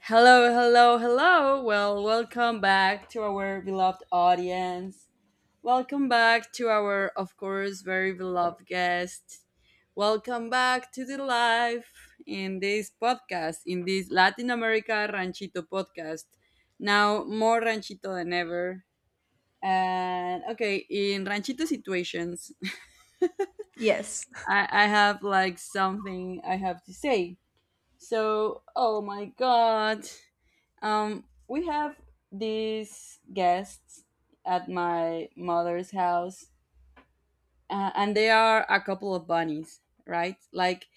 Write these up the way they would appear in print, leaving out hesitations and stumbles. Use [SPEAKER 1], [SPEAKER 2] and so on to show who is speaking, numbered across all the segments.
[SPEAKER 1] Hello, hello, hello. Well, welcome back to our beloved audience. Welcome back to our, of course, very beloved guest. Welcome back to the live in this podcast, in this Latin America Ranchito podcast. Now, more Ranchito than ever. And okay, in Ranchito situations,
[SPEAKER 2] Yes.
[SPEAKER 1] I have like something I have to say. So, oh my god. We have these guests at my mother's house, and they are a couple of bunnies, right? Like,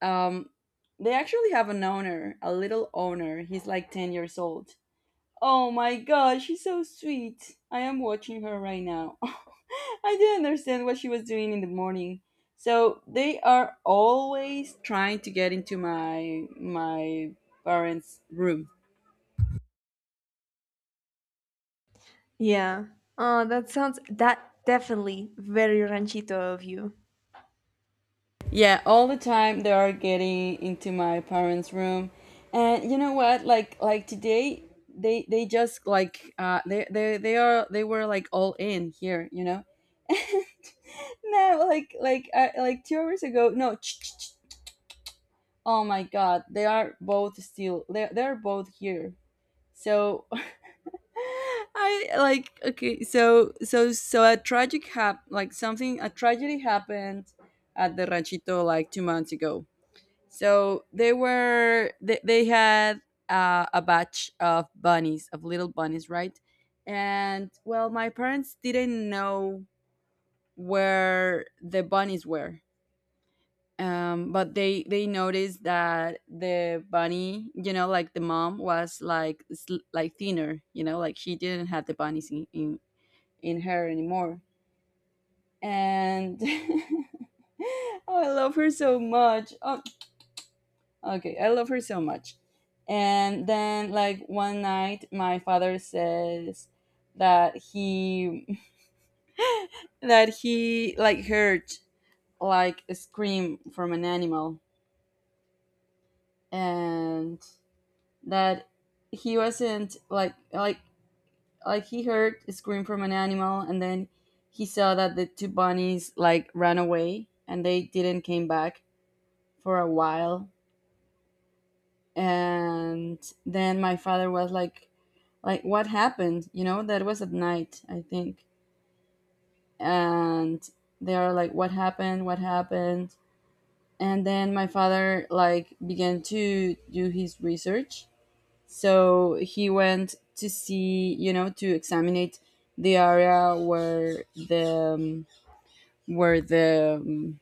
[SPEAKER 1] um, they actually have an owner, a little owner. He's like 10 years old. Oh my god, she's so sweet. I am watching her right now. I didn't understand what she was doing in the morning. So they are always trying to get into my parents' room.
[SPEAKER 2] Yeah. Oh, that sounds that definitely very ranchito of you.
[SPEAKER 1] Yeah, all the time they are getting into my parents' room, and you know what? Like today, they just like they were like all in here. No, like like 2 hours ago. No, oh my god, they are both still, they're both here. So I like okay, so a tragic hap like something, a tragedy happened at the ranchito like 2 months ago. So they had a batch of bunnies, of little bunnies, right? And well, my parents didn't know where the bunnies were. But they noticed that the bunny, like the mom was like like thinner, like she didn't have the bunnies in her anymore. And oh, I love her so much. Oh, okay, I love her so much. And then like one night my father says that he that he like heard like a scream from an animal, and that he wasn't, like he heard a scream from an animal, and then he saw that the two bunnies like ran away and they didn't came back for a while. And then my father was like, what happened. That was at night, I think. And they are like, what happened? What happened? And then my father like began to do his research. So he went to see, to examine the area where the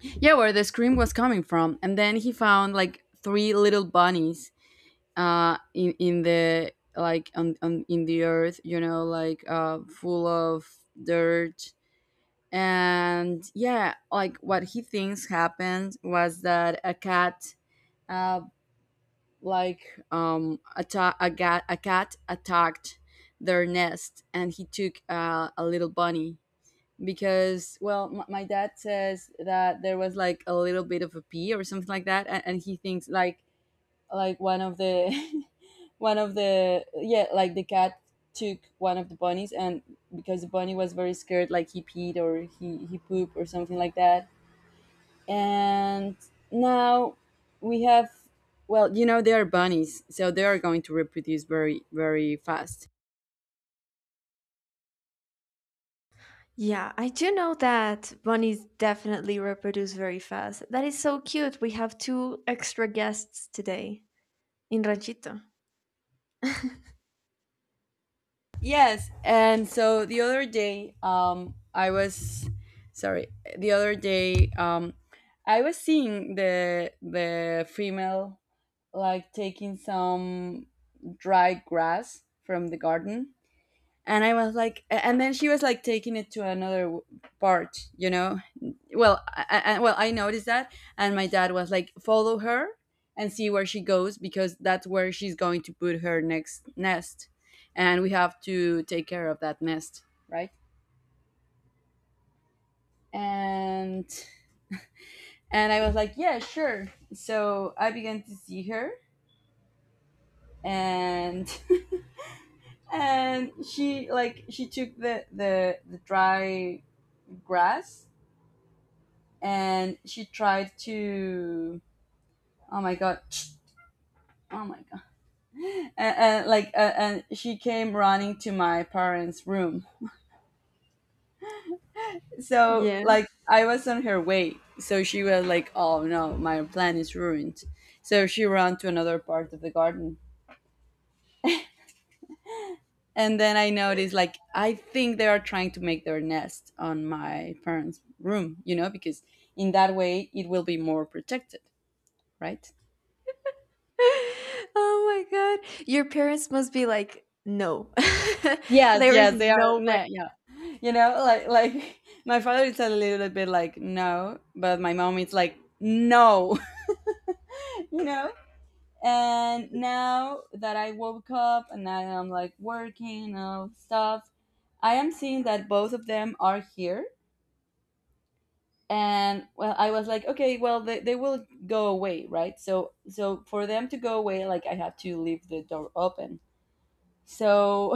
[SPEAKER 1] yeah where the scream was coming from. And then he found like three little bunnies, in the like on in the earth, like full of dirt. And yeah, like what he thinks happened was that a cat, uh a cat attacked their nest, and he took a little bunny, because well, my dad says that there was like a little bit of a pee or something like that, and he thinks like one of the one of the yeah like the cat took one of the bunnies, and because the bunny was very scared, like he peed or he pooped or something like that. And now we have, well, they are bunnies, so they are going to reproduce very, very fast.
[SPEAKER 2] Yeah, I do know that bunnies definitely reproduce very fast. That is so cute. We have two extra guests today in Ranchito.
[SPEAKER 1] Yes, and so the other day, I was, sorry, the other day, I was seeing the female like taking some dry grass from the garden, and I was like, and then she was like taking it to another part. Well, I noticed that, and my dad was like follow her and see where she goes because that's where she's going to put her next nest, and we have to take care of that nest, right? And and I was like, yeah, sure. So I began to see her, and and she took the dry grass, and she tried to. Oh my god. Oh my god. And she came running to my parents room, so
[SPEAKER 2] Yeah.
[SPEAKER 1] like I was on her way, so she was like, oh no, my plan is ruined. So she ran to another part of the garden. And then I noticed, like, I think they are trying to make their nest on my parents' room, because in that way it will be more protected, right?
[SPEAKER 2] Oh my god. Your parents must be like, no.
[SPEAKER 1] Yes,
[SPEAKER 2] There is
[SPEAKER 1] yes, they are.
[SPEAKER 2] no way.
[SPEAKER 1] Nah, yeah, you know, like, like my father is a little bit like no, but my mom is like no. you know. And now that I woke up and I am like working and all stuff, I am seeing that both of them are here, and well, I was like okay, well, they will go away, right? So for them to go away, like, I had to leave the door open. So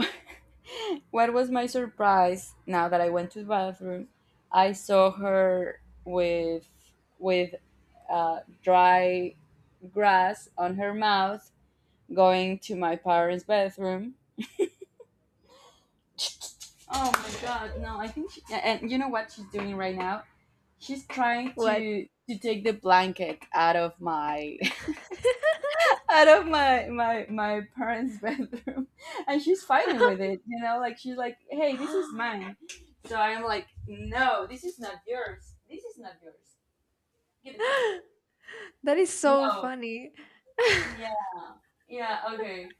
[SPEAKER 1] what was my surprise now that I went to the bathroom? I saw her with dry grass on her mouth, going to my parents bathroom. Oh my god, no, I think she, and you know what she's doing right now, she's trying
[SPEAKER 2] What?
[SPEAKER 1] to take the blanket out of my parents' bedroom, and she's fighting with it. You know, like she's like, "Hey, this is mine." So I'm like, "No, this is not yours. This is not yours. Give it to
[SPEAKER 2] That is
[SPEAKER 1] me."
[SPEAKER 2] so
[SPEAKER 1] No.
[SPEAKER 2] funny.
[SPEAKER 1] Yeah. Yeah. Okay.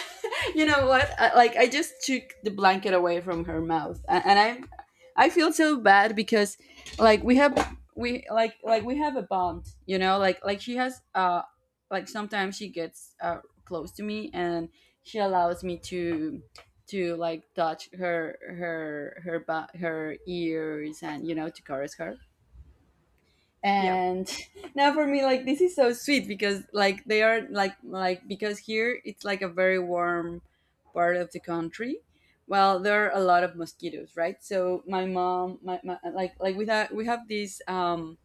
[SPEAKER 1] you know what, I just took the blanket away from her mouth, and I feel so bad, because like we have a bond, she has like sometimes she gets close to me, and she allows me to like touch her ears, and to caress her.
[SPEAKER 2] Yeah.
[SPEAKER 1] And now for me, like this is so sweet because like they are like because here it's like a very warm part of the country. Well, there are a lot of mosquitoes, right? So my mom, my like we have these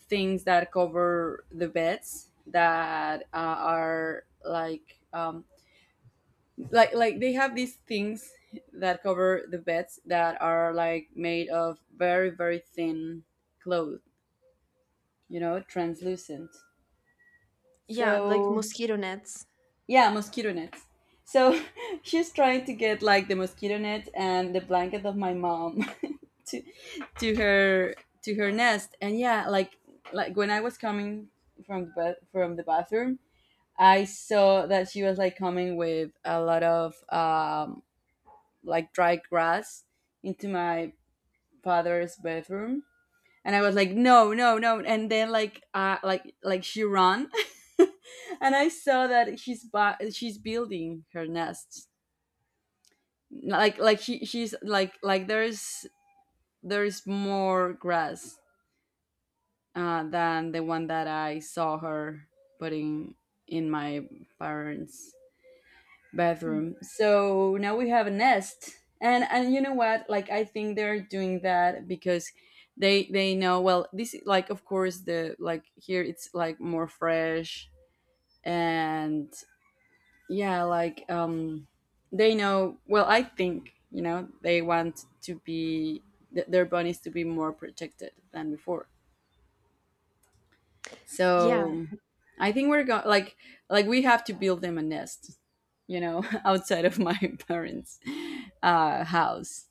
[SPEAKER 1] things that cover the beds that are like like they have these things that cover the beds that are like made of very, very thin cloth, translucent.
[SPEAKER 2] Yeah, like
[SPEAKER 1] So
[SPEAKER 2] mosquito nets.
[SPEAKER 1] yeah, mosquito nets. So she's trying to get like the mosquito net and the blanket of my mom to to her her nest. And yeah, like when I was coming from the bathroom, I saw that she was like coming with a lot of like dry grass into my father's bedroom, and I was like, no, no, no. And then like she ran, and I saw that she's building her nest. Like, she's like, there's more grass, than the one that I saw her putting in my parents'
[SPEAKER 2] Mm.
[SPEAKER 1] bathroom. So now we have a nest. And you know what? Like I think they're doing that because they know well, this is, like, of course, the, like, here it's like more fresh, and yeah, like they know well, I think, they want to be their bunnies to be more protected than before.
[SPEAKER 2] Yeah,
[SPEAKER 1] So I think we're going, like we have to build them a nest, outside of my parents' house.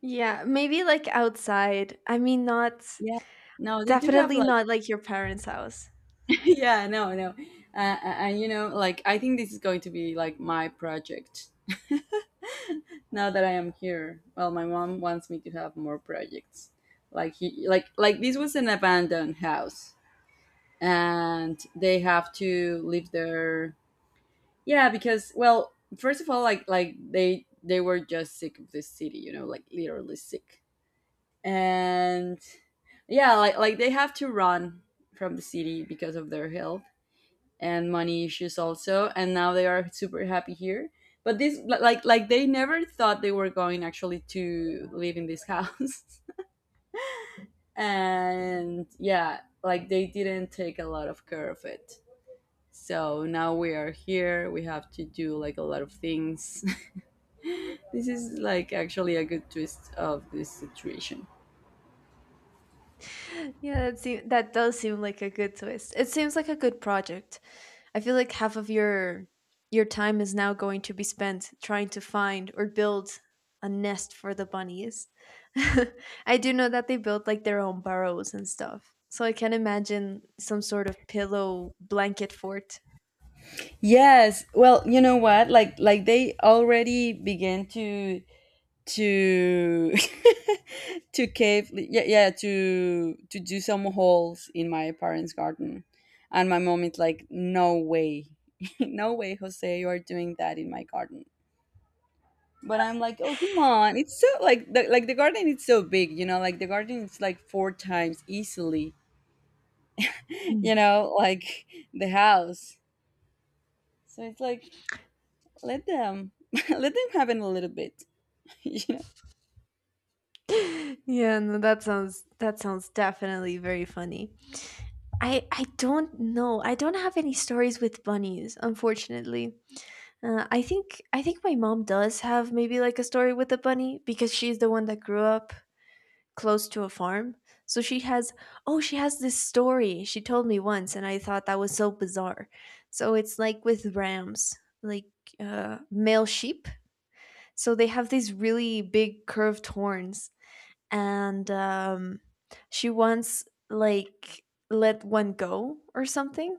[SPEAKER 2] yeah, maybe like outside. I mean, not
[SPEAKER 1] Yeah. No, they do have
[SPEAKER 2] definitely
[SPEAKER 1] like
[SPEAKER 2] not like your parents' house.
[SPEAKER 1] yeah, no, no, and like I think this is going to be like my project now that I am here. Well, my mom wants me to have more projects. Like he, like this was an abandoned house, and they have to live there. Yeah, because well, first of all, like they were just sick of this city, like literally sick. And yeah, like they have to run from the city because of their health and money issues also, and now they are super happy here. But this, like they never thought they were going actually to live in this house. and yeah, like they didn't take a lot of care of it. So now we are here, we have to do like a lot of things. This is like actually a good twist of this situation.
[SPEAKER 2] Yeah, that does seem like a good twist. It seems like a good project. I feel like half of your time is now going to be spent trying to find or build a nest for the bunnies. I do know that they build like their own burrows and stuff. So I can imagine some sort of pillow blanket fort.
[SPEAKER 1] Yes. Well, you know what? Like they already began to to cave yeah yeah to do some holes in my parents' garden. And my mom is like, "No way. No way, Jose, you are doing that in my garden." But I'm like, "Oh, come on. It's so like the garden is so big, you know? Like the garden is like four times easily,
[SPEAKER 2] Mm.
[SPEAKER 1] like the house." So it's like let them let them have it a little bit. you know.
[SPEAKER 2] Yeah, no, that sounds definitely very funny. I don't know. I don't have any stories with bunnies, unfortunately. I think my mom does have maybe like a story with a bunny because she's the one that grew up close to a farm. So she has oh she has this story she told me once and I thought that was so bizarre. So it's like with rams, like male sheep. So they have these really big curved horns and she once like let one go or something,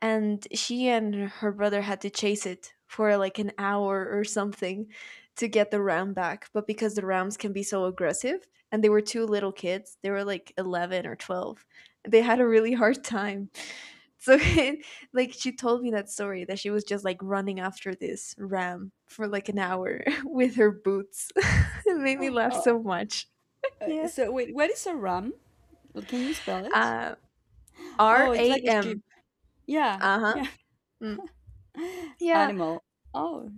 [SPEAKER 2] and she and her brother had to chase it for like an hour or something to get the ram back. But because the rams can be so aggressive and they were two little kids, they were like 11 or 12, they had a really hard time. So like she told me that story, that she was just like running after this ram for like an hour with her boots. It made me laugh
[SPEAKER 1] Oh,
[SPEAKER 2] so much. Yeah.
[SPEAKER 1] so wait, what is a ram? Can you spell it?
[SPEAKER 2] Uh,
[SPEAKER 1] Oh, it's like a sheep.
[SPEAKER 2] RAM.
[SPEAKER 1] Yeah,
[SPEAKER 2] Uh huh.
[SPEAKER 1] yeah,
[SPEAKER 2] Mm. Yeah,
[SPEAKER 1] animal. Oh,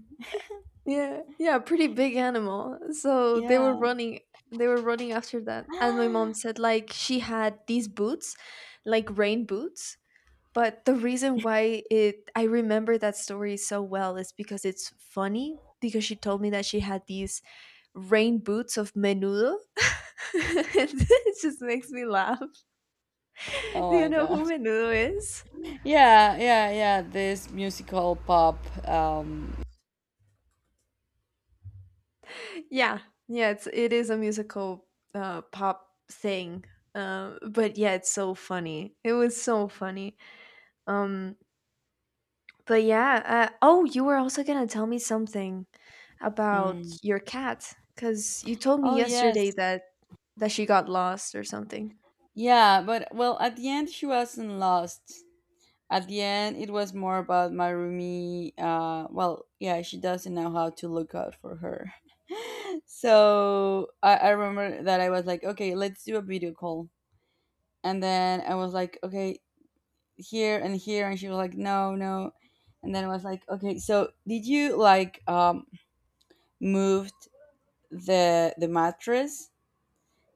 [SPEAKER 2] yeah, yeah. Pretty big animal. So they were
[SPEAKER 1] yeah.
[SPEAKER 2] running. They were running after that, and my mom said like she had these boots, like rain boots. But the reason why it I remember that story so well is because it's funny. Because she told me that she had these rain boots of Menudo. It just makes me laugh.
[SPEAKER 1] Oh
[SPEAKER 2] Do you
[SPEAKER 1] my
[SPEAKER 2] know
[SPEAKER 1] god.
[SPEAKER 2] who Menudo is?
[SPEAKER 1] Yeah, yeah, yeah. This musical pop. Um.
[SPEAKER 2] Yeah, yeah, it's it is a musical pop thing. But yeah, it's so funny. It was so funny. Um, but yeah, oh, you were also gonna tell me something about
[SPEAKER 1] mm.
[SPEAKER 2] your cat because you told me
[SPEAKER 1] Oh yes.
[SPEAKER 2] yesterday that she got lost or something.
[SPEAKER 1] Yeah, but well, at the end she wasn't lost. At the end, it was more about Marumi. Roomie. Well, yeah, she doesn't know how to look out for her. So I remember that I was like, okay, let's do a video call. And then I was like, okay, here and here. And she was like, no, no. And then I was like, okay, so did you moved the mattress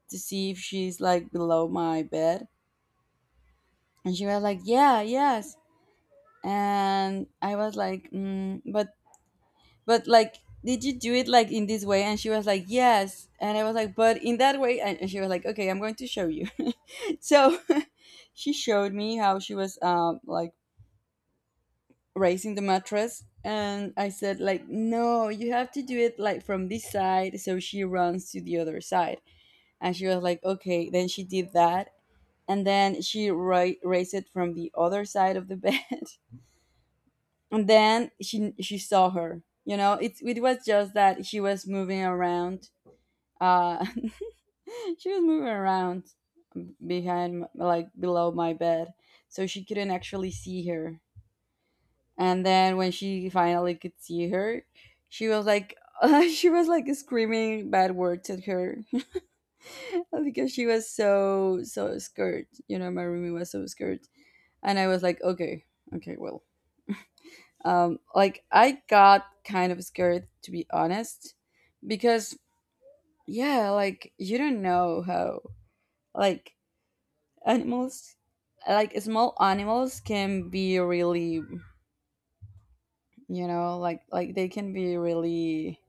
[SPEAKER 1] to see if she's like below my bed? And she was like, yeah, yes. And I was like, but but like, did you do it like in this way? And she was like, yes. And I was like, but in that way. And she was like, okay, I'm going to show you. so she showed me how she was like raising the mattress, and I said like, no, you have to do it like from this side, so she runs to the other side. And she was like, okay, then she did that. And then she raised it from the other side of the bed. and then she saw her. You know, it was just that she was moving around. uh she was moving around behind like below my bed, so she couldn't actually see her. And then when she finally could see her, she was like, she was like screaming bad words at her, because she was so so scared. You know, my roomie was so scared. And I was like, okay, okay, well, like I got kind of scared, to be honest, because yeah, like you don't know how, like, animals, like small animals can be really, you know, like they can be really,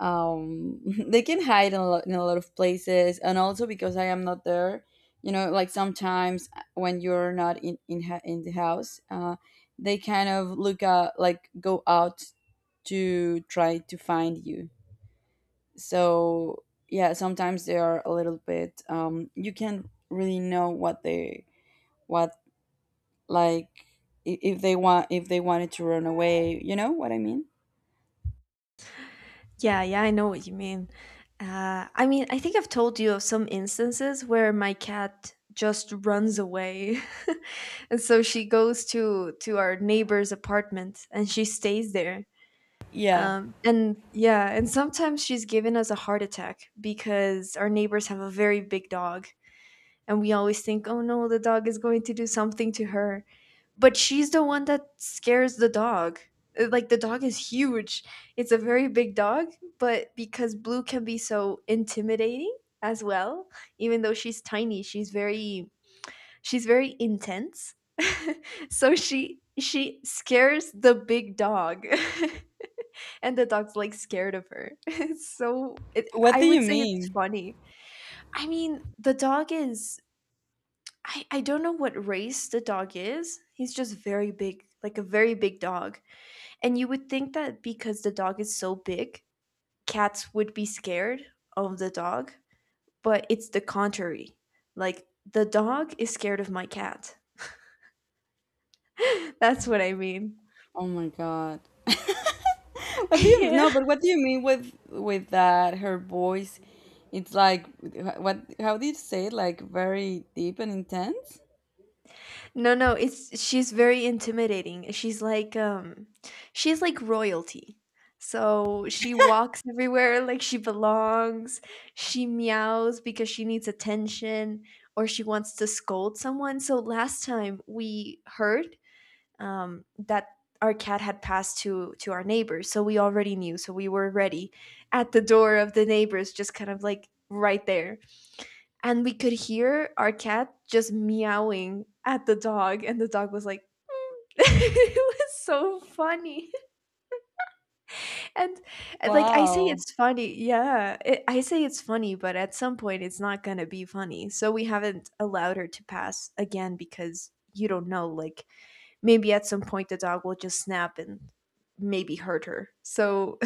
[SPEAKER 1] um they can hide in in a lot of places. And also because I am not there, you know, like sometimes when you're not in the house, they kind of look out, like go out to try to find you. So yeah, sometimes they are a little bit, you can't really know what they, what, like, if they want, if they wanted to run away, you know what I mean?
[SPEAKER 2] Yeah, yeah, I know what you mean. I mean, I think I've told you of some instances where my cat just runs away. And so she goes to our neighbor's apartment and she stays there.
[SPEAKER 1] Yeah,
[SPEAKER 2] And yeah, and sometimes she's given us a heart attack because our neighbors have a very big dog, and we always think, oh no, the dog is going to do something to her. But she's the one that scares the dog. Like the dog is huge, it's a very big dog, but because Blue can be so intimidating as well, even though she's tiny, she's very, she's very intense. So she she scares the big dog, and the dog's like scared of her. It's so,
[SPEAKER 1] what
[SPEAKER 2] I
[SPEAKER 1] do you
[SPEAKER 2] would say it's
[SPEAKER 1] mean?
[SPEAKER 2] funny. I mean, the dog is, I don't know what race the dog is. He's just very big, like a very big dog. And you would think that because the dog is so big, cats would be scared of the dog, but it's the contrary. Like the dog is scared of my cat. That's what I mean.
[SPEAKER 1] Oh my god. What do you
[SPEAKER 2] Yeah.
[SPEAKER 1] no? But what do you mean with that? Her voice, it's like what? How do you say it? Like very deep and intense.
[SPEAKER 2] No, no, it's, she's very intimidating. She's like royalty. So she walks everywhere like she belongs. She meows because she needs attention or she wants to scold someone. So last time we heard that our cat had passed to our neighbors. So we already knew. So we were ready at the door of the neighbors, just kind of like right there, and we could hear our cat just meowing at the dog, and the dog was like, "Mm." It was so funny. And like I say
[SPEAKER 1] Wow.
[SPEAKER 2] it's funny, yeah, I say it's funny, but at some point it's not going to be funny. So we haven't allowed her to pass again, because you don't know, like maybe at some point the dog will just snap and maybe hurt her. So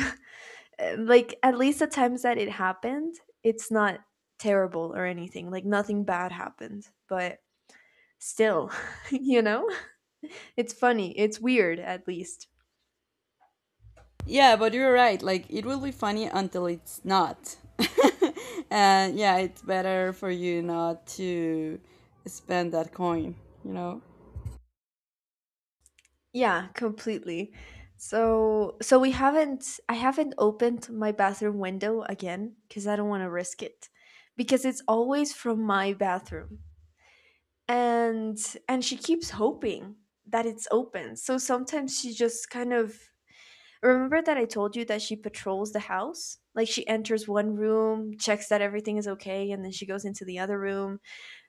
[SPEAKER 2] like at least the times that it happened, it's not terrible or anything, like nothing bad happened, but still, you know? It's funny. It's weird at least.
[SPEAKER 1] Yeah, but you're right. Like it will be funny until it's not. and yeah, it's better for you not to spend that coin. You know.
[SPEAKER 2] Yeah, completely. So so we haven't I haven't opened my bathroom window again cuz I don't want to risk it, because it's always from my bathroom. And she keeps hoping that it's open. So sometimes she just kind of, remember that I told you that she patrols the house? Like she enters one room, checks that everything is okay and then she goes into the other room.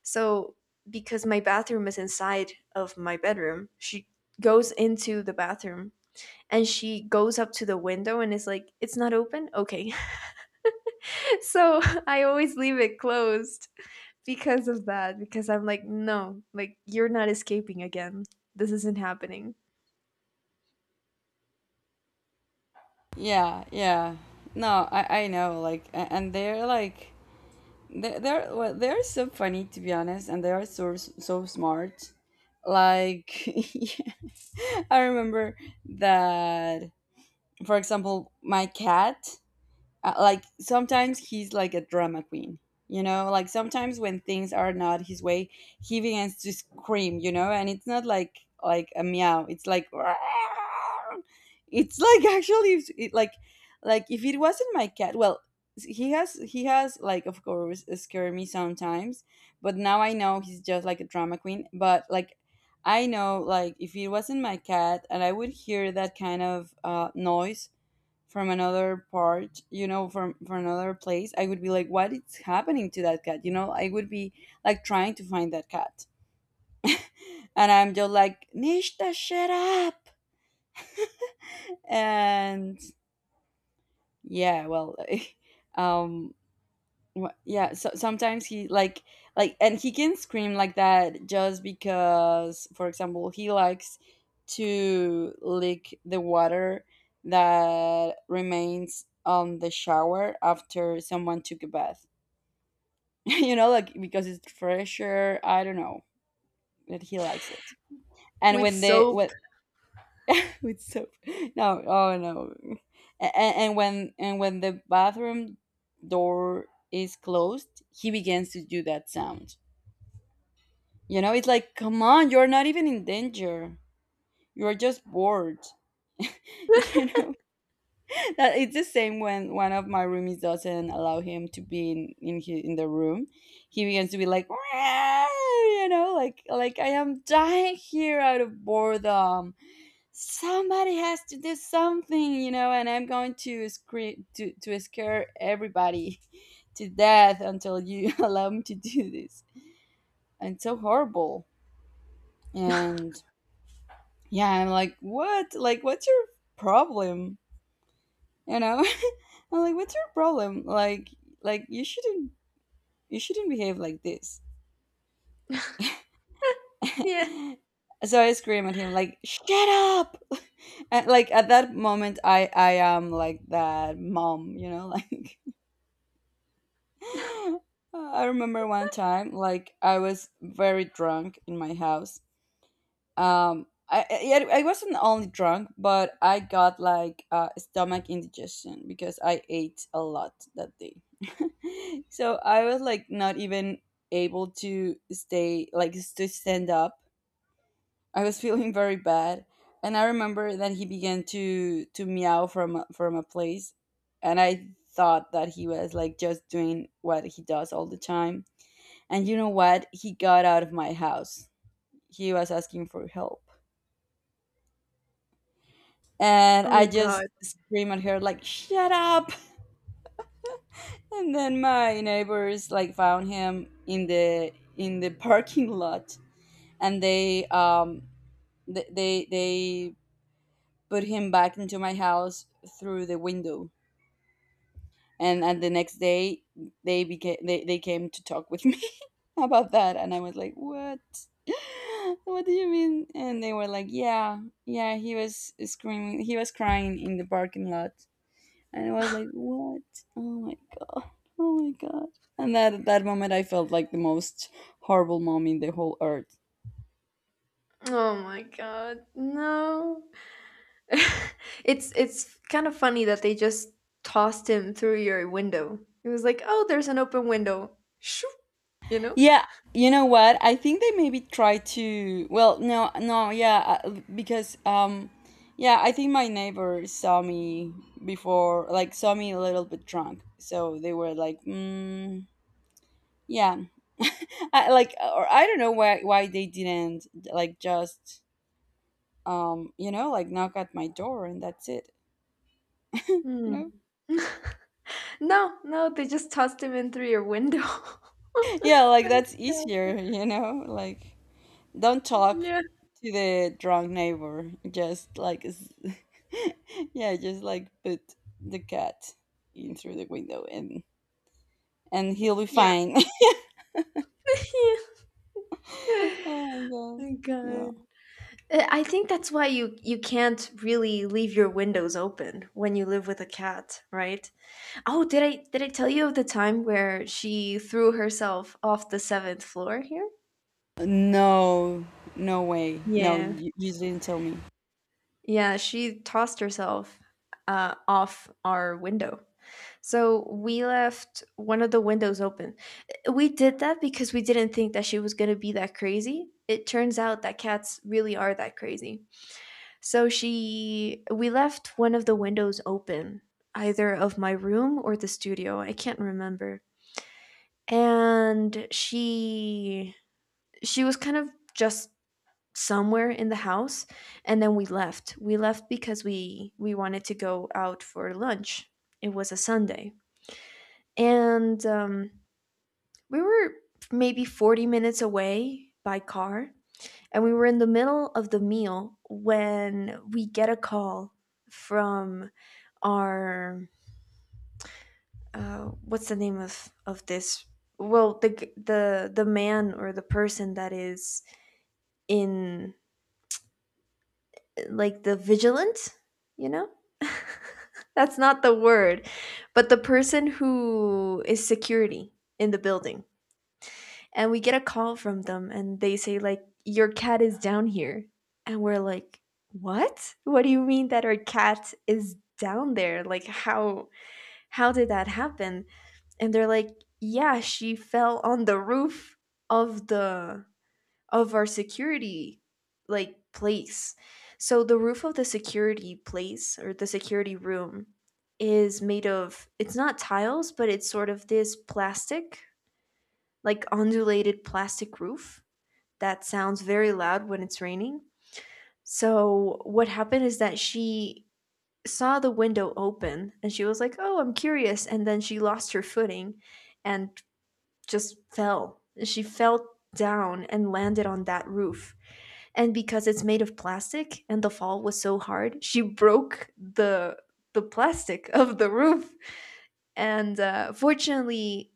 [SPEAKER 2] So because my bathroom is inside of my bedroom, she goes into the bathroom and she goes up to the window and is like, "It's not open." Okay. So I always leave it closed because of that, because I'm like, "No, like you're not escaping again. This isn't happening."
[SPEAKER 1] Yeah, yeah. No, I know. Like, and they're like, They, they're well, they're so funny, to be honest, and they are so so smart. Like, yeah. I remember that, for example, my cat, like sometimes he's like a drama queen. You know, like sometimes when things are not his way, he begins to scream. You know, and it's not like, like a meow, it's like, it's like actually it's- it, like if it wasn't my cat, well, he has like, of course, scared me sometimes. But now I know he's just like a drama queen. But like, I know, like if it wasn't my cat and I would hear that kind of noise from another part, you know, from another place, I would be like, what is happening to that cat? You know, I would be like trying to find that cat, and I'm just like, Nishta, shut up! And yeah, well, um, yeah. So sometimes he like, and he can scream like that just because, for example, he likes to lick the water that remains on the shower after someone took a bath. you know, like because it's fresher. I don't know that he likes it. And
[SPEAKER 2] With
[SPEAKER 1] when they
[SPEAKER 2] soap.
[SPEAKER 1] what? with soap, no, oh no, and when the bathroom door is closed, he begins to do that sound. You know, it's like, come on, you're not even in danger. You're just bored. You know, it's the same when one of my roomies doesn't allow him to be in the room. He begins to be like, "Meow," you know, like I am dying here out of boredom. Somebody has to do something. You know, and I'm going to scream to scare everybody to death until you allow me to do this. And it's so horrible. And yeah, I'm like, what, like what's your problem? You know. I'm like, what's your problem? Like, like you shouldn't you shouldn't behave like this.
[SPEAKER 2] Yeah.
[SPEAKER 1] So I scream at him like, shut up! And like at that moment, I am like that mom, you know, like. I remember one time, like I was very drunk in my house. I yeah, I wasn't only drunk, but I got like stomach indigestion because I ate a lot that day. so I was like not even able to stay, like to stand up. I was feeling very bad, and I remember that he began to meow from a place, and I thought that he was like just doing what he does all the time. And you know what? He got out of my house. He was asking for help. And I
[SPEAKER 2] Oh
[SPEAKER 1] just
[SPEAKER 2] god.
[SPEAKER 1] scream at her like, shut up. and then my neighbors like found him in the parking lot, and they they put him back into my house through the window. And the next day they became they came to talk with me about that. And I was like, what, what do you mean? And they were like, yeah, yeah, he was screaming, he was crying in the parking lot. And I was like, "What? Oh my god! Oh my god!" And that moment, I felt like the most horrible mom in the whole earth.
[SPEAKER 2] Oh my god. No. It's kind of funny that they just tossed him through your window. It was like, "Oh, there's an open window." Shoo, you know?
[SPEAKER 1] Yeah, you know what? I think they maybe try to. Well, no, no, yeah, because yeah, I think my neighbor saw me before, like saw me a little bit drunk, so they were like, mm, yeah. I, like, or I don't know why they didn't like just you know, like knock at my door and that's it, you
[SPEAKER 2] Hmm.
[SPEAKER 1] know.
[SPEAKER 2] No, no, they just tossed him in through your window.
[SPEAKER 1] Yeah, like
[SPEAKER 2] And,
[SPEAKER 1] that's
[SPEAKER 2] uh,
[SPEAKER 1] easier, you know? Like don't talk
[SPEAKER 2] yeah.
[SPEAKER 1] to the drunk neighbor. Just yeah, just like put the cat in through the window, and he'll be
[SPEAKER 2] Yeah.
[SPEAKER 1] fine.
[SPEAKER 2] Yeah.
[SPEAKER 1] oh my god.
[SPEAKER 2] Oh God.
[SPEAKER 1] Yeah.
[SPEAKER 2] I think that's why you can't really leave your windows open when you live with a cat, right? Oh, did I tell you of the time where she threw herself off the seventh floor here?
[SPEAKER 1] No. No way. No,
[SPEAKER 2] Yeah.
[SPEAKER 1] you didn't tell me.
[SPEAKER 2] Yeah, she tossed herself off our window. So we left one of the windows open. We did that because we didn't think that she was going to be that crazy. It turns out that cats really are that crazy. So she, we left one of the windows open, either of my room or the studio. I can't remember. And she was kind of just somewhere in the house, and then we left, because we wanted to go out for lunch. It was a Sunday, and we were maybe 40 minutes away by car, and we were in the middle of the meal when we get a call from our what's the name of this, well, the the man or the person that is in, like, the vigilant, you know? That's not the word, but the person who is security in the building. And we get a call from them and they say like, your cat is down here. And we're like, "What? What do you mean that our cat is down there? Like how did that happen?" And they're like, "Yeah, she fell on the roof of the of our security like place. So the roof of the security place or the security room is made of, it's not tiles, but it's sort of this plastic, like undulated plastic roof that sounds very loud when it's raining. So what happened is that she saw the window open and she was like, "Oh, I'm curious." And then she lost her footing and just fell. She fell down and landed on that roof. And because it's made of plastic and the fall was so hard, she broke the plastic of the roof. And fortunately,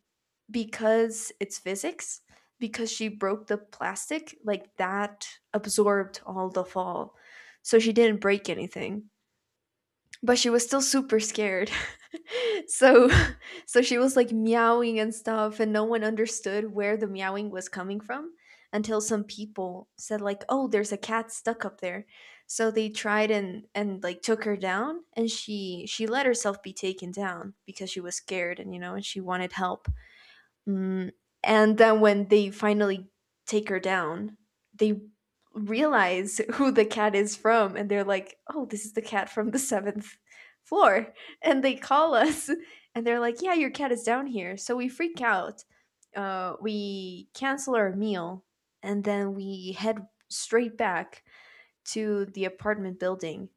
[SPEAKER 2] because it's physics, because she broke the plastic, like that absorbed all the fall. So she didn't break anything, but she was still super scared. So so she was like meowing and stuff and no one understood where the meowing was coming from, until some people said like, oh, there's a cat stuck up there. So they tried and like took her down, and she let herself be taken down because she was scared and, you know, and she wanted help. Mm, and then when they finally take her down, they realize who the cat is from, and they're like, "Oh, this is the cat from the 7th floor." And they call us and they're like, "Yeah, your cat is down here." So we freak out. We cancel our meal and then we head straight back to the apartment building.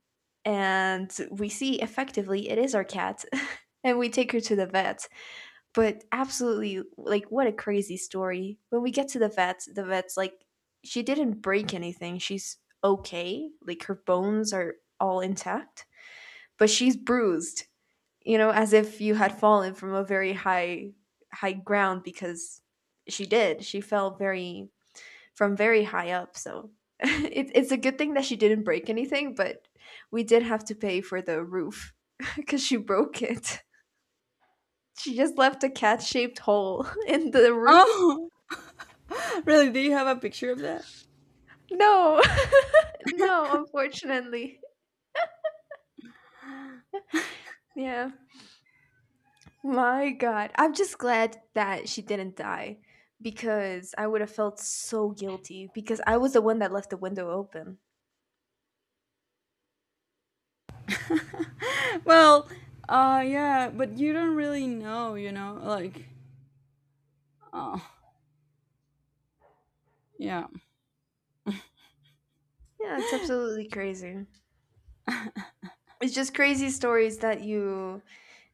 [SPEAKER 2] And we see effectively it is our cat and we take her to the vet. But absolutely, like, what a crazy story. When we get to the vets, the vet's like, she didn't break anything, she's okay, like her bones are all intact, but she's bruised, you know, as if you had fallen from a very high ground, because she did, she fell very from very high up. So it's a good thing that she didn't break anything, but we did have to pay for the roof because she broke it. She just left a cat shaped hole in the roof.
[SPEAKER 1] Oh, really? Do you have a picture of that?
[SPEAKER 2] No, no, unfortunately. Yeah. My God. I'm just glad that she didn't die, because I would have felt so guilty because I was the one that left the window open.
[SPEAKER 1] Well, yeah, but you don't really know, you know? Like oh, yeah.
[SPEAKER 2] Yeah, it's absolutely crazy. It's just crazy stories that you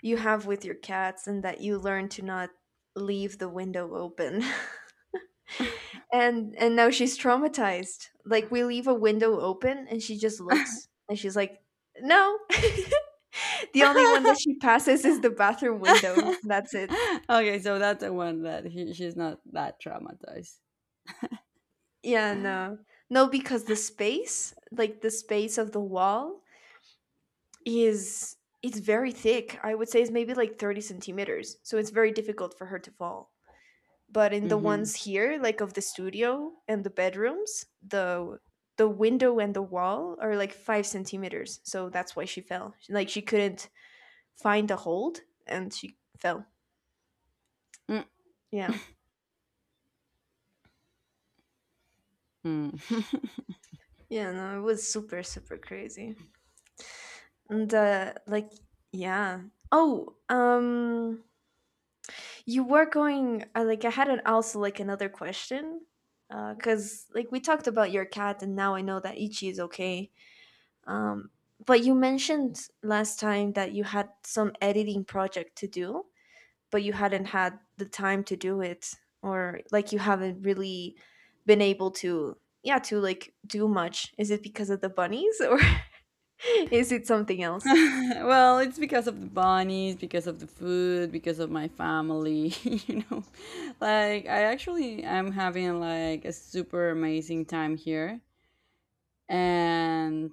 [SPEAKER 2] you have with your cats, and that you learn to not leave the window open. And now she's traumatized. Like, we leave a window open and she just looks and she's like, "No." The only one that she passes is the bathroom window. That's it.
[SPEAKER 1] okay, so that's the one that she's not that traumatized.
[SPEAKER 2] Yeah, no. No, because the space, like the space of the wall, is it's very thick. I would say it's maybe like 30 centimeters. So it's very difficult for her to fall. But in the
[SPEAKER 1] Hmm.
[SPEAKER 2] ones here, like of the studio and the bedrooms, the window and the wall are like 5 centimeters. So that's why she fell. Like, she couldn't find a hold and she fell. Yeah. Yeah, no, it was super, super crazy. And like, yeah. Oh, you were going. Like, I had an also like another question, because like we talked about your cat, and now I know that Ichi is okay. Um, but you mentioned last time that you had some editing project to do, but you hadn't had the time to do it, or like you haven't really been able to, yeah, to like do much. Is it because of the bunnies, or is it something else?
[SPEAKER 1] well, it's because of the bunnies, because of the food, because of my family, you know. Like I actually am having like a super amazing time here. And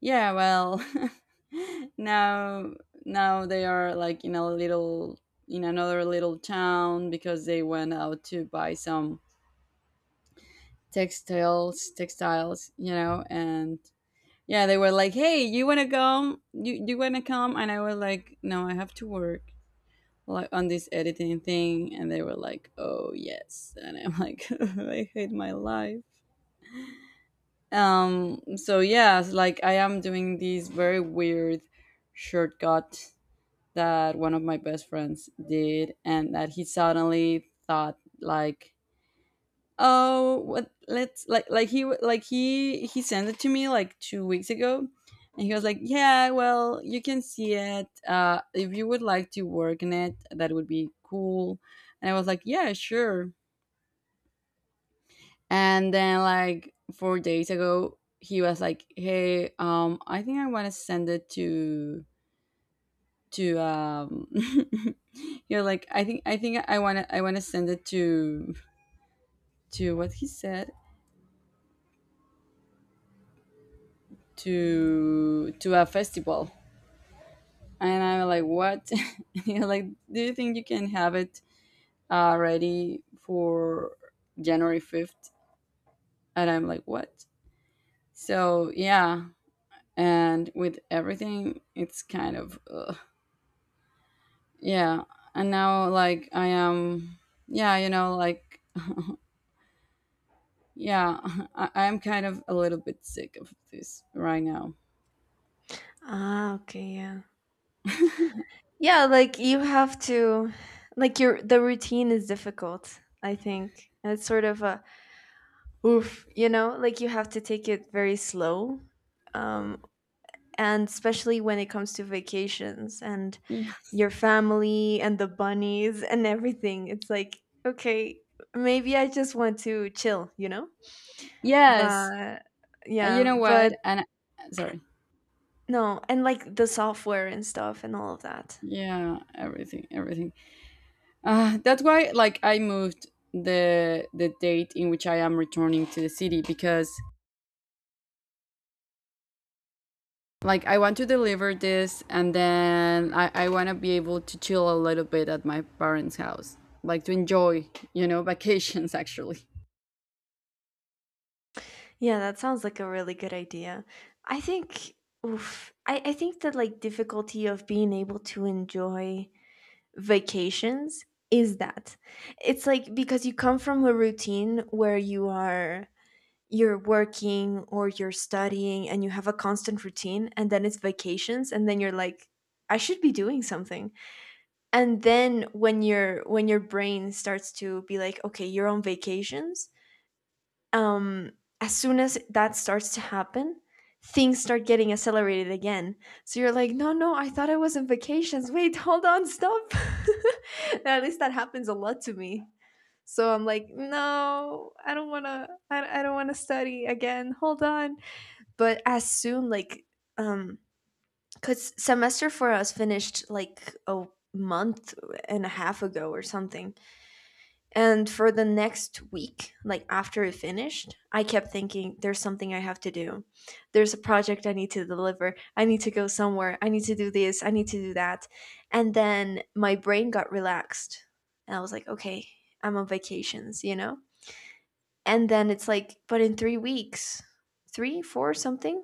[SPEAKER 1] yeah, well, now now they are like in a little, in another little town, because they went out to buy some textiles, you know, and yeah, they were like, "Hey, you want to come? You want to come?" And I was like, "No, I have to work." Like on this editing thing, and they were like, "Oh yes," and I'm like, "I hate my life." So yes, like I am doing these very weird shortcut that one of my best friends did, and that he suddenly thought like, oh, what? Let's like, like he sent it to me like 2 weeks ago, and he was like, "Yeah, well, you can see it. If you would like to work in it, that would be cool." And I was like, "Yeah, sure." And then like 4 days ago, he was like, "Hey, I think I want to send it to to um." you was like, "I think I want to send it to what he said." To a festival. And I'm like, what? You're like, do you think you can have it ready for January 5th? And I'm like, what? So, yeah. And with everything, it's kind of, ugh. Yeah. And now, like, I am, yeah, you know, like, yeah, I'm kind of a little bit sick of this right now.
[SPEAKER 2] Ah, okay, yeah. Yeah, like you have to. Like, your the routine is difficult, I think. And it's sort of a oof, you know, like you have to take it very slow. Um and especially when it comes to vacations and
[SPEAKER 1] Yeah.
[SPEAKER 2] your family and the bunnies and everything. It's like, okay, maybe I just want to chill, you know?
[SPEAKER 1] Yes.
[SPEAKER 2] But
[SPEAKER 1] And you
[SPEAKER 2] yeah,
[SPEAKER 1] know what?
[SPEAKER 2] but
[SPEAKER 1] And sorry.
[SPEAKER 2] no, and like the software and stuff and all of that.
[SPEAKER 1] Yeah, everything, everything. That's why, like, I moved the date in which I am returning to the city, because, like, I want to deliver this, and then I want to be able to chill a little bit at my parents' house, like to enjoy, you know, vacations actually.
[SPEAKER 2] Yeah, that sounds like a really good idea. I think oof, I think that like difficulty of being able to enjoy vacations is that it's like because you come from a routine where you're working or you're studying, and you have a constant routine, and then it's vacations, and then you're like, I should be doing something. And then when your brain starts to be like, okay, you're on vacations, um, as soon as that starts to happen, things start getting accelerated again. So you're like, no, no, I thought I was on vacations. Wait, hold on, stop. At least that happens a lot to me. So I'm like, no, I don't want to, I don't want to study again. Hold on. But as soon, like, um, cause semester for us finished like a month and a half ago or something. And for the next week, like after it finished, I kept thinking, there's something I have to do. There's a project I need to deliver. I need to go somewhere. I need to do this. I need to do that. And then my brain got relaxed. And I was like, okay, I'm on vacations, you know? And then it's like, but in 3 weeks, three, four, something,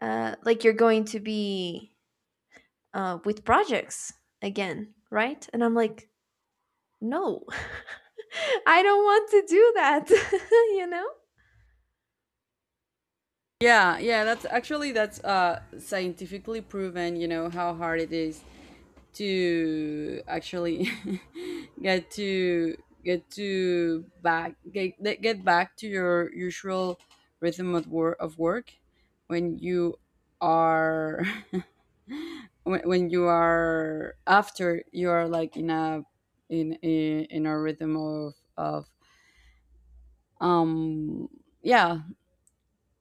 [SPEAKER 2] like you're going to be with projects again, right? And I'm like, no, I don't want to do that, you know?
[SPEAKER 1] Yeah, yeah, that's actually that's scientifically proven, you know, how hard it is to actually get to get to back get back to your usual rhythm of work when you are, when you are, after you are like in a, in a rhythm of um yeah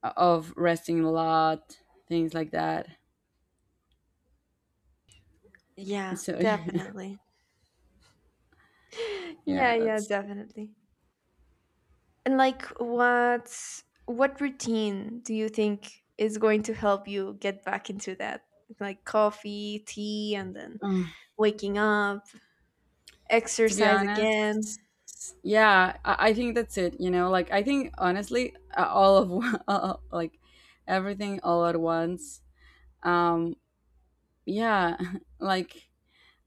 [SPEAKER 1] of resting a lot, things like that.
[SPEAKER 2] Yeah,
[SPEAKER 1] So
[SPEAKER 2] definitely.
[SPEAKER 1] yeah,
[SPEAKER 2] Yeah, yeah,
[SPEAKER 1] that's,
[SPEAKER 2] definitely. And like what routine do you think is going to help you get back into that? Like coffee, tea, and then
[SPEAKER 1] uh,
[SPEAKER 2] waking up,
[SPEAKER 1] to be
[SPEAKER 2] exercise
[SPEAKER 1] honest.
[SPEAKER 2] again.
[SPEAKER 1] Yeah, I think that's it. You know, like I think honestly, all of like everything all at once. Um, yeah, like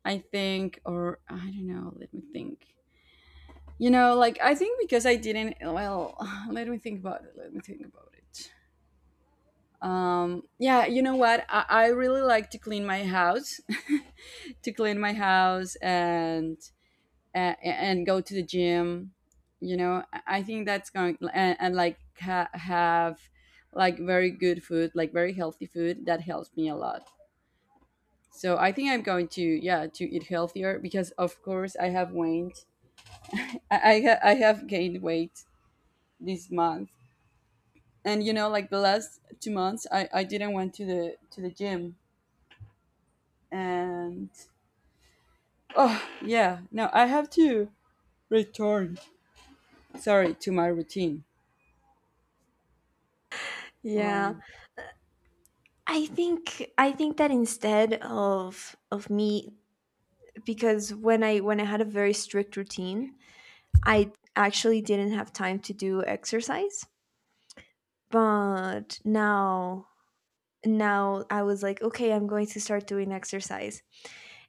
[SPEAKER 1] I think, or I don't know. Let me think. You know, like I think because I didn't. Well, let me think about it. Let me think about it. Yeah, you know what? I really like to clean my house, to clean my house and go to the gym. You know, I think that's going and like have like very good food, like very healthy food that helps me a lot. So I think I'm going to, yeah, to eat healthier because of course I have waned, I have gained weight this month. And you know, like the last 2 months I didn't went to the gym. And oh yeah, no, I have to return, sorry, to my routine.
[SPEAKER 2] Yeah.
[SPEAKER 1] Like,
[SPEAKER 2] I think that instead of me because when I had a very strict routine, I actually didn't have time to do exercise. But now I was like, okay, I'm going to start doing exercise.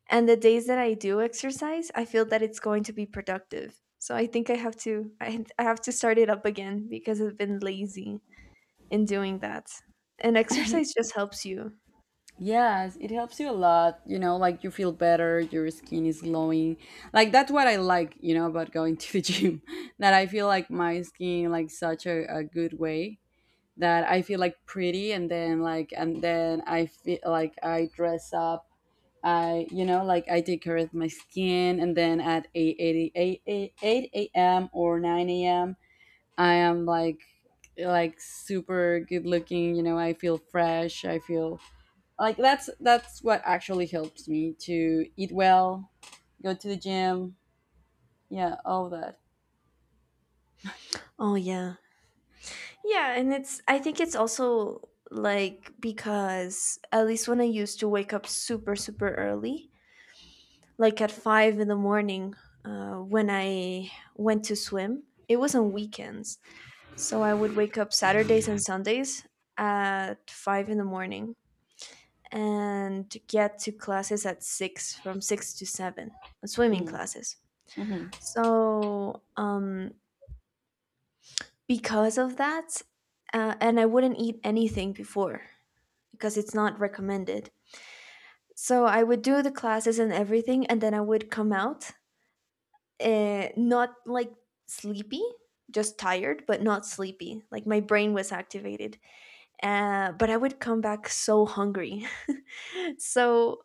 [SPEAKER 2] And the days that I do exercise, I feel that it's going to be productive. So I think I have to I have to start it up again, because I've been lazy in doing that. And exercise just helps you.
[SPEAKER 1] yes, it helps you a lot. You know, like you feel better, your skin is glowing. Like that's what I like, you know, about going to the gym. That I feel like my skin, like such a good way, that I feel like pretty, and then like, and then I feel like I dress up. I, you know, like I take care of my skin, and then at 8 a.m. or 9 a.m. I am like super good looking, you know, I feel fresh, I feel like, that's what actually helps me to eat well, go to the gym, yeah, all that.
[SPEAKER 2] Oh yeah. Yeah, and it's I think it's also like because at least when I used to wake up super super early, like at 5 in the morning when I went to swim. It was on weekends, so I would wake up Saturdays and Sundays at 5 in the morning and get to classes at six, from six to seven,
[SPEAKER 1] Mm.
[SPEAKER 2] swimming
[SPEAKER 1] Hmm.
[SPEAKER 2] classes.
[SPEAKER 1] Mm-hmm.
[SPEAKER 2] So because of that, and I wouldn't eat anything before, because it's not recommended. So I would do the classes and everything, and then I would come out, not like sleepy, just tired but not sleepy, like my brain was activated, but I would come back so hungry. So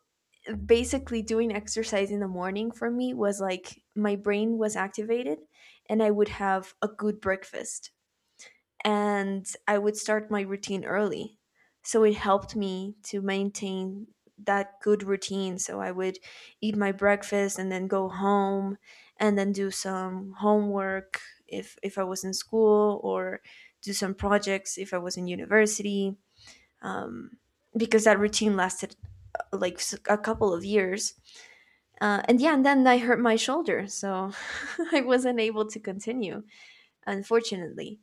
[SPEAKER 2] basically doing exercise in the morning for me was like my brain was activated, and I would have a good breakfast, and I would start my routine early. So it helped me to maintain that good routine. So I would eat my breakfast and then go home and then do some homework if I was in school, or do some projects if I was in university. Um, because that routine lasted, like a couple of years. And yeah, and then I hurt my shoulder, so I wasn't able to continue, unfortunately.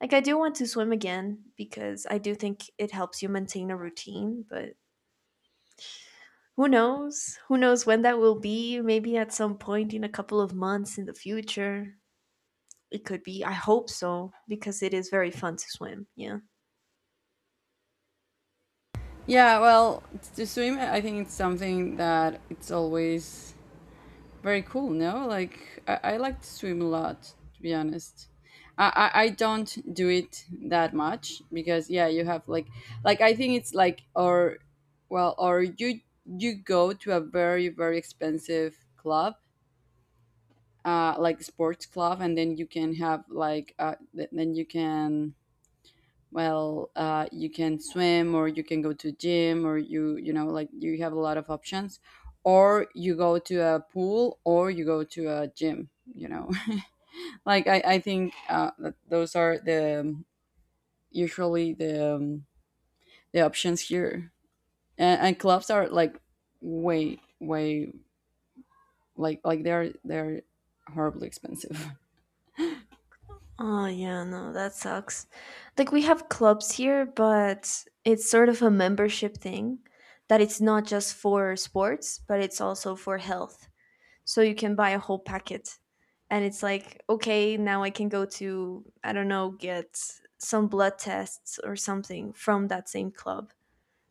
[SPEAKER 2] Like, I do want to swim again because I do think it helps you maintain a routine, but who knows? Who knows when that will be? Maybe at some point in a couple of months in the future. It could be. I hope so, because it is very fun to swim. Yeah.
[SPEAKER 1] Yeah, well, to swim, I think it's something that it's always very cool. No, like I like to swim a lot, to be honest. I I don't do it that much because yeah, you have like I think it's like, or well, or you go to a very very expensive club, like sports club, and then you can have like, then you can, well, you can swim, or you can go to gym, or you know, like you have a lot of options, or you go to a pool, or you go to a gym. You know, like I think that those are the usually the options here, and clubs are like way way, like they're horribly expensive.
[SPEAKER 2] Oh, yeah, no, that sucks. Like, we have clubs here, but it's sort of a membership thing that it's not just for sports, but it's also for health. So you can buy a whole packet, and it's like, okay, now I can go to, I don't know, get some blood tests or something from that same club.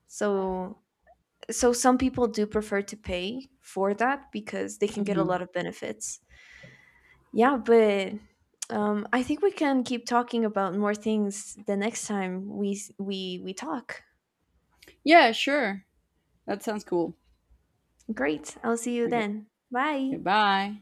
[SPEAKER 2] So some people do prefer to pay for that because they can get a
[SPEAKER 1] Mhm.
[SPEAKER 2] lot of benefits. Yeah. But I think we can keep talking about more things the next time we talk.
[SPEAKER 1] Yeah, sure. That sounds cool.
[SPEAKER 2] Great. I'll see you
[SPEAKER 1] Okay,
[SPEAKER 2] then. Bye.
[SPEAKER 1] goodbye.